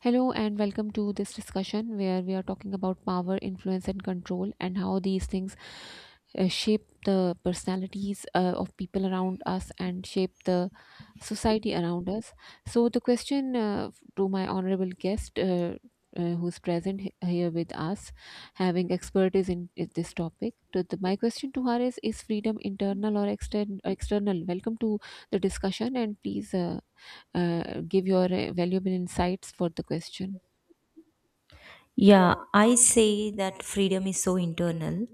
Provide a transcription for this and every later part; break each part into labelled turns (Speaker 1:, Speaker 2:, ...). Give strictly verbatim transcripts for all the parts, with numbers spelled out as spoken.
Speaker 1: Hello, and welcome to this discussion where we are talking about power, influence, and control, and how these things uh, shape the personalities uh, of people around us and shape the society around us. So, the question uh, to my honorable guest. Uh, uh, who's present he- here with us, having expertise in i- this topic? To the, my question to her is: Is freedom internal or extern- external? Welcome to the discussion, and please uh, uh, give your uh, valuable insights for the question.
Speaker 2: Yeah, I say that freedom is so internal.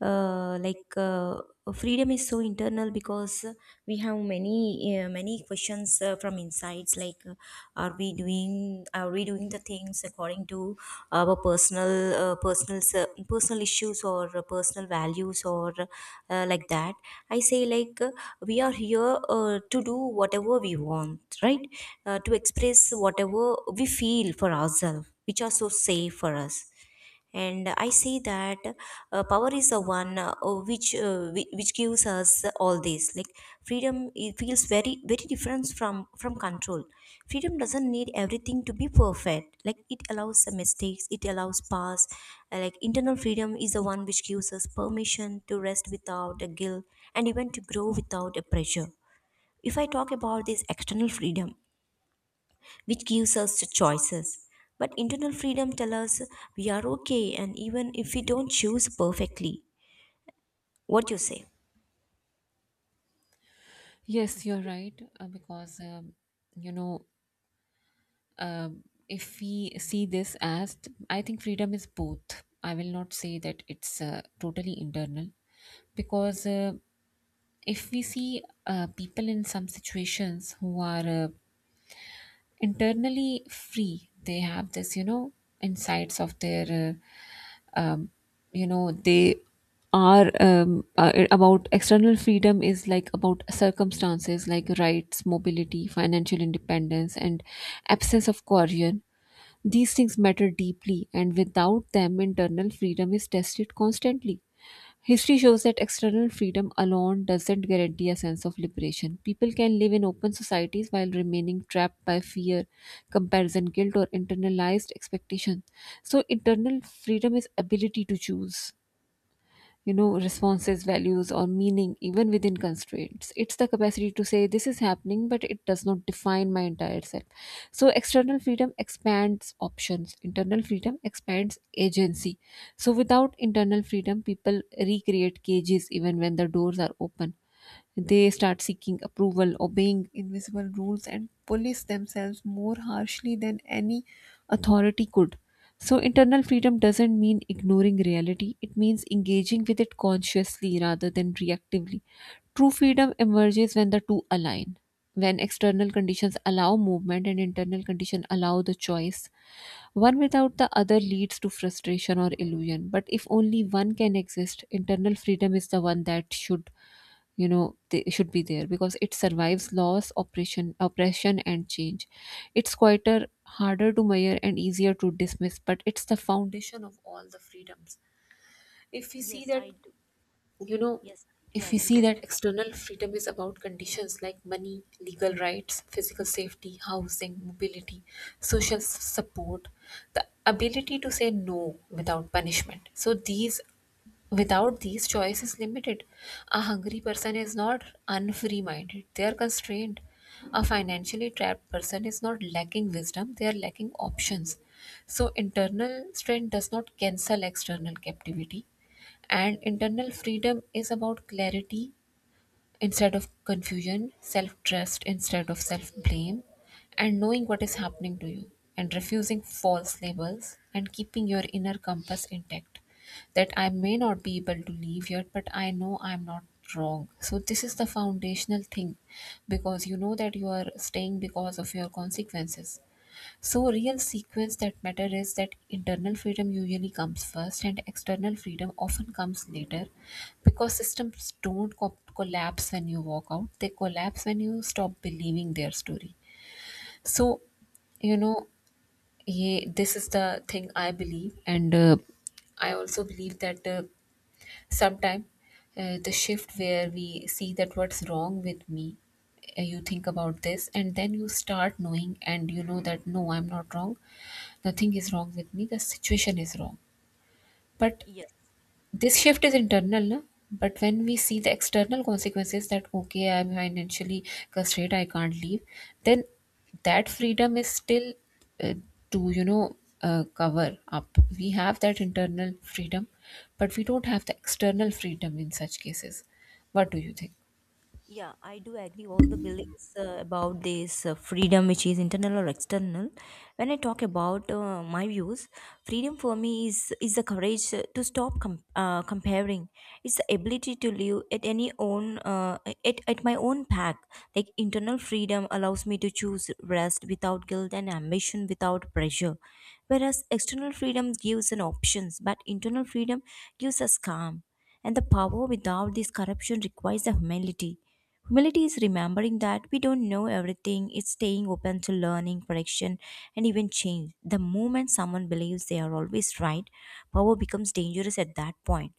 Speaker 2: Uh, like uh, Freedom is so internal because we have many uh, many questions uh, from insides. Like, uh, are we doing are we doing the things according to our personal uh, personal cir- personal issues or uh, personal values or uh, like that? I say like uh, We are here uh, to do whatever we want, right? Uh, to express whatever we feel for ourselves which are so safe for us, and I see that uh, power is the one uh, which uh, whi- which gives us all this, like, freedom. It feels very very different from from control. Freedom doesn't need everything to be perfect, like it allows the mistakes, it allows pass. Uh, like internal freedom is the one which gives us permission to rest without a guilt, and even to grow without a pressure. If I talk about this external freedom, which gives us the choices. But internal freedom tells us we are okay, and even if we don't choose perfectly. What you say?
Speaker 1: Yes, you're right. Uh, because, um, you know, um if we see this as, I think freedom is both. I will not say that it's uh, totally internal. Because uh, if we see uh, people in some situations who are uh, internally free, they have this, you know, insights of their uh, um, you know they are um, uh, about external freedom is like about circumstances like rights, mobility, financial independence, and absence of coercion. These things matter deeply, and without them, internal freedom is tested constantly. History shows that external freedom alone doesn't guarantee a sense of liberation. People can live in open societies while remaining trapped by fear, comparison, guilt, or internalized expectation. So, internal freedom is ability to choose, you know, responses, values, or meaning even within constraints. It's the capacity to say this is happening but it does not define my entire self. So external freedom expands options, internal freedom expands agency. So without internal freedom people recreate cages even when the doors are open. They start seeking approval, obeying invisible rules, and police themselves more harshly than any authority could. So, internal freedom doesn't mean ignoring reality, it means engaging with it consciously rather than reactively. True freedom emerges when the two align, when external conditions allow movement and internal conditions allow the choice. One without the other leads to frustration or illusion. But if only one can exist, internal freedom is the one that should, you know, they should be there, because it survives loss, oppression, oppression, and change. It's quieter, harder to measure, and easier to dismiss, but it's the foundation of all the freedoms. If we see
Speaker 2: Yes,
Speaker 1: that,
Speaker 2: I do.
Speaker 1: you know,
Speaker 2: Yes, I do
Speaker 1: if we
Speaker 2: agree
Speaker 1: see
Speaker 2: with.
Speaker 1: that external freedom is about conditions like money, legal rights, physical safety, housing, mobility, social s- support, the ability to say no without punishment. So these, without these, choice is limited. A hungry person is not unfree minded, they are constrained. A financially trapped person is not lacking wisdom, they are lacking options. So internal strength does not cancel external captivity. And internal freedom is about clarity instead of confusion, self trust instead of self blame, and knowing what is happening to you, and refusing false labels, and keeping your inner compass intact. That I may not be able to leave yet, but I know I'm not wrong. So, this is the foundational thing, because you know that you are staying because of your consequences. So, real sequence that matter is that internal freedom usually comes first, and external freedom often comes later, because systems don't co- collapse when you walk out; they collapse when you stop believing their story. So, you know, yeah, this is the thing I believe, and uh, I also believe that. Uh, Sometime uh, the shift where we see that what's wrong with me, uh, you think about this, and then you start knowing, and you know that no, I'm not wrong, nothing is wrong with me, the situation is wrong. But
Speaker 2: Yes.
Speaker 1: this shift is internal, na? But when we see the external consequences that okay, I'm financially constrained, I can't leave, then that freedom is still uh, to, you know, uh, cover up. We have that internal freedom, but we don't have the external freedom in such cases. What do you think?
Speaker 2: Yeah, I do agree. All the beliefs uh, about this uh, freedom, which is internal or external. When I talk about uh, my views, freedom for me is is the courage uh, to stop com- uh, comparing. It's the ability to live at any own uh, at at my own path. Like internal freedom allows me to choose rest without guilt and ambition without pressure. Whereas external freedom gives an options, but internal freedom gives us calm. And the power without this corruption requires the humility. Humility is remembering that we don't know everything, it's staying open to learning, correction, and even change. The moment someone believes they are always right, power becomes dangerous at that point.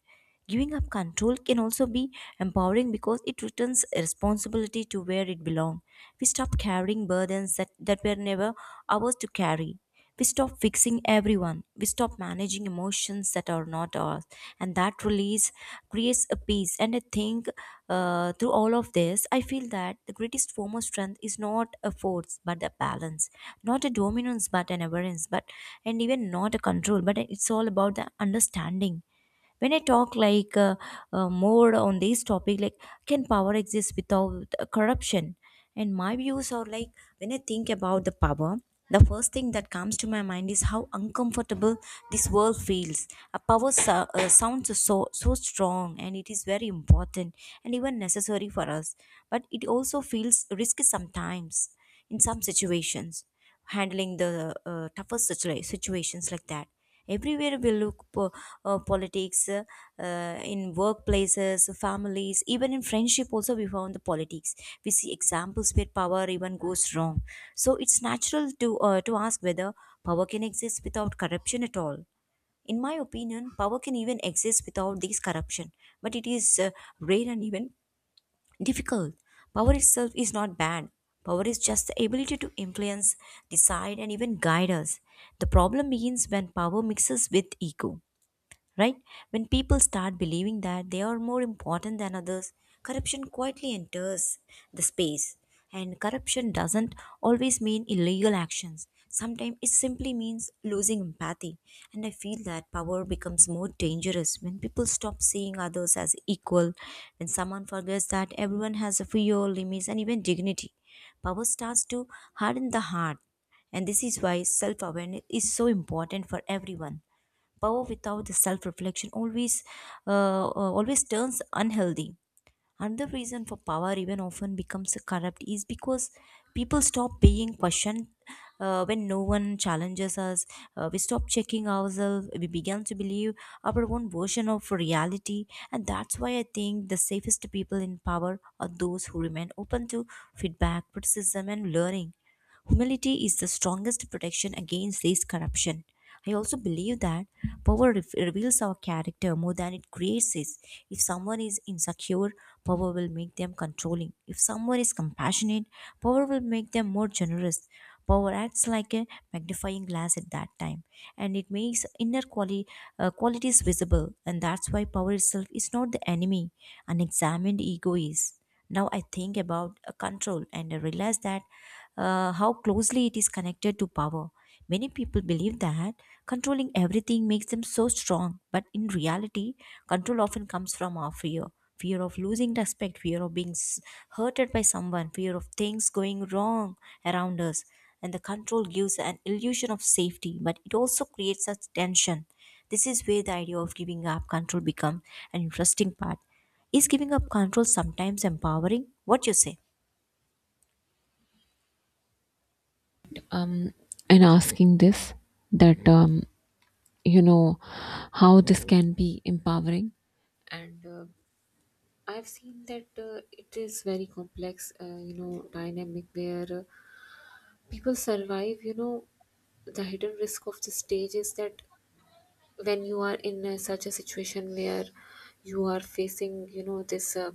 Speaker 2: Giving up control can also be empowering because it returns responsibility to where it belongs. We stop carrying burdens that, that were never ours to carry. We stop fixing everyone. We stop managing emotions that are not ours. And that release creates a peace. And I think uh, through all of this, I feel that the greatest form of strength is not a force, but a balance. Not a dominance, but an awareness. But and even not a control. But it's all about the understanding when I talk like uh, uh, more on this topic, like can power exist without uh, corruption? And my views are, like, when I think about the power, the first thing that comes to my mind is how uncomfortable this world feels. A power so- uh, sounds so so strong, and it is very important and even necessary for us, but it also feels risky sometimes, in some situations, handling the uh, toughest situa- situations like that. Everywhere we look, po- uh, politics, uh, uh, in workplaces, families, even in friendship also we found the politics. We see examples where power even goes wrong. So it's natural to uh, to ask whether power can exist without corruption at all. In my opinion, power can even exist without this corruption, but it is uh, rare and even difficult. Power itself is not bad. Power is just the ability to influence, decide, and even guide us. The problem begins when power mixes with ego, right? When people start believing that they are more important than others, corruption quietly enters the space. And corruption doesn't always mean illegal actions. Sometimes it simply means losing empathy. And I feel that power becomes more dangerous when people stop seeing others as equal, when someone forgets that everyone has a fear, limits, and even dignity. Power starts to harden the heart. And this is why self awareness is so important for everyone. Power without the self reflection always uh, uh, always turns unhealthy. Another reason for power even often becomes corrupt is because people stop being questioned. Uh, when no one challenges us, uh, we stop checking ourselves, we begin to believe our own version of reality. And that's why I think the safest people in power are those who remain open to feedback, criticism, and learning. Humility is the strongest protection against this corruption. I also believe that power re- reveals our character more than it creates it. If someone is insecure, power will make them controlling. If someone is compassionate, power will make them more generous. Power acts like a magnifying glass at that time, and it makes inner quali- uh, qualities visible. And that's why power itself is not the enemy; an examined ego is. Now I think about uh, control, and I realize that uh, how closely it is connected to power. Many people believe that controlling everything makes them so strong, but in reality control often comes from our fear, fear of losing respect, fear of being s- hurted by someone, fear of things going wrong around us. And the control gives an illusion of safety, but it also creates such tension. This is where the idea of giving up control becomes an interesting part. Is giving up control sometimes empowering? What you say?
Speaker 1: Um, in asking this, that um, you know how this can be empowering and. Uh, I've seen that uh, it is very complex, uh, you know, dynamic where uh, people survive. You know, the hidden risk of the stage is that when you are in uh, such a situation where you are facing, you know, this uh,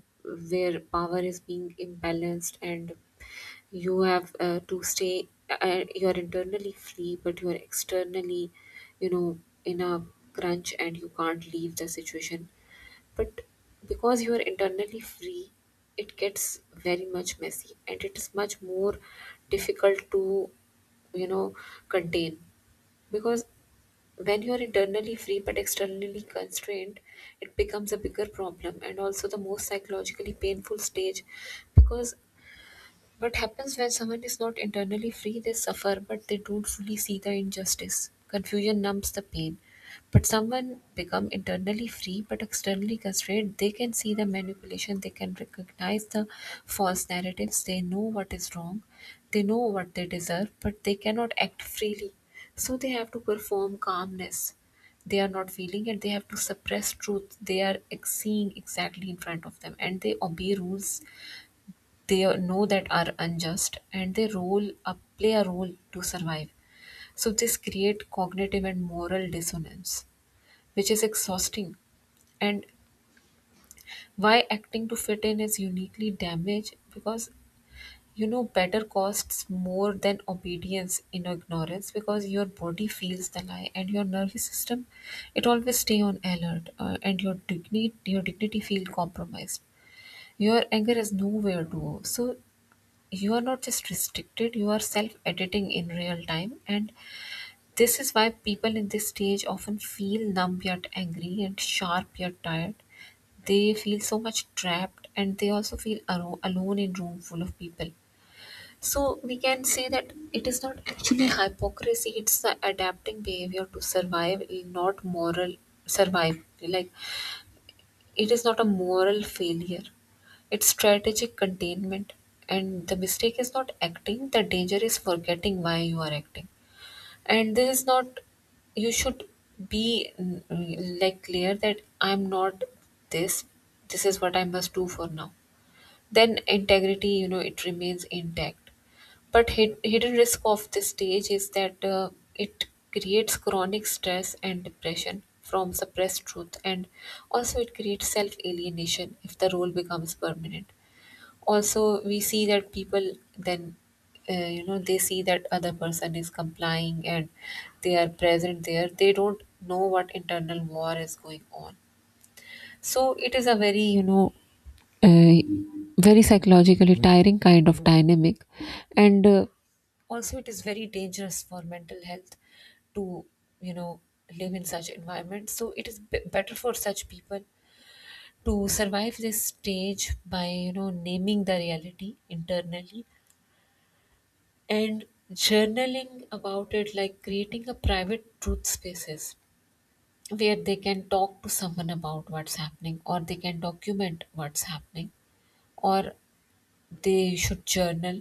Speaker 1: where power is being imbalanced and you have uh, to stay, uh, you are internally free, but you are externally, you know, in a crunch and you can't leave the situation, but because you are internally free, it gets very much messy and it is much more difficult to, you know, contain. Because when you are internally free but externally constrained, it becomes a bigger problem and also the most psychologically painful stage, because what happens when someone is not internally free? They suffer, but they don't fully see the injustice. Confusion numbs the pain. But someone become internally free but externally constrained, they can see the manipulation, they can recognize the false narratives, they know what is wrong, they know what they deserve, but they cannot act freely. So they have to perform calmness. They are not feeling it, they have to suppress truth. They are ex- seeing exactly in front of them and they obey rules they know that are unjust and they role a, play a role to survive. So this create cognitive and moral dissonance which is exhausting. And why acting to fit in is uniquely damaged because you know better costs more than obedience in ignorance, because your body feels the lie and your nervous system it always stay on alert, uh, and your dignity your dignity feel compromised, your anger is nowhere to go. So you are not just restricted, you are self editing in real time, and this is why people in this stage often feel numb yet angry and sharp yet tired. They feel so much trapped and they also feel aro- alone in room full of people. So we can say that it is not actually hypocrisy, it's the adapting behavior to survive, not moral survive. Like it is not a moral failure, it's strategic containment, and the mistake is not acting, the danger is forgetting why you are acting. And this is not, you should be mm, mm, like clear that I'm not this, this is what I must do for now. Then integrity, you know, it remains intact. But hid- hidden risk of this stage is that uh, it creates chronic stress and depression from suppressed truth, and also it creates self alienation if the role becomes permanent. Also we see that people then uh, you know they see that other person is complying and they are present there, they don't know what internal war is going on. So it is a very, you know, uh, very psychologically tiring kind of dynamic, and uh, also it is very dangerous for mental health to, you know, live in such environment. So it is b- better for such people to survive this stage by, you know, naming the reality internally and journaling about it, like creating a private truth spaces where they can talk to someone about what's happening or they can document what's happening, or they should journal.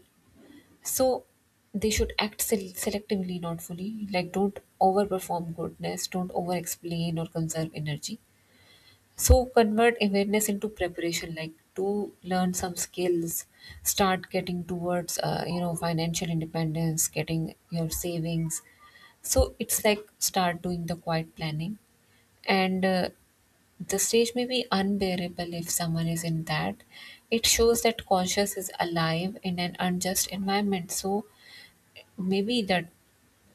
Speaker 1: So they should act sel- selectively not fully, like don't overperform goodness, don't over explain or conserve energy. So convert awareness into preparation, like to learn some skills, start getting towards, uh, you know, financial independence, getting your savings. So it's like start doing the quiet planning, and uh, the stage may be unbearable if someone is in that. It shows that conscious is alive in an unjust environment. So maybe that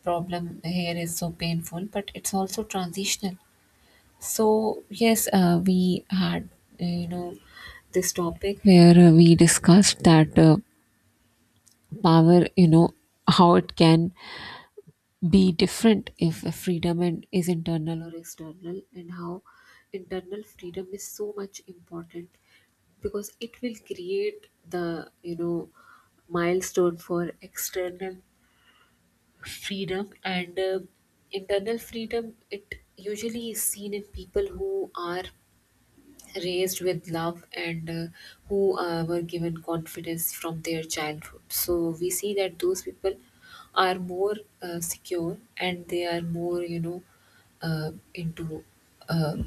Speaker 1: problem here is so painful, but it's also transitional. So yes, uh, we had, uh, you know, this topic where uh, we discussed that uh, power, you know, how it can be different if freedom and is internal or external, and how internal freedom is so much important because it will create the, you know, milestone for external freedom. And uh, internal freedom it usually is seen in people who are raised with love and uh, who uh, were given confidence from their childhood. So we see that those people are more uh, secure and they are more, you know, uh, into. Uh,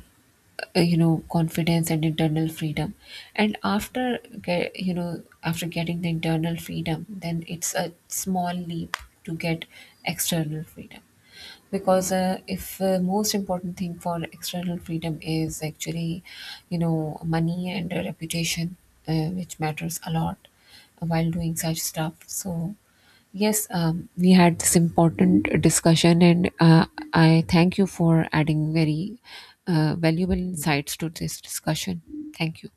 Speaker 1: uh, you know, confidence and internal freedom. And after get, you know, after getting the internal freedom then it's a small leap to get external freedom, because uh, if uh, most important thing for external freedom is actually, you know, money and a reputation, uh, which matters a lot while doing such stuff. So yes, um, we had this important discussion and uh, I thank you for adding very uh, valuable insights to this discussion. Thank you.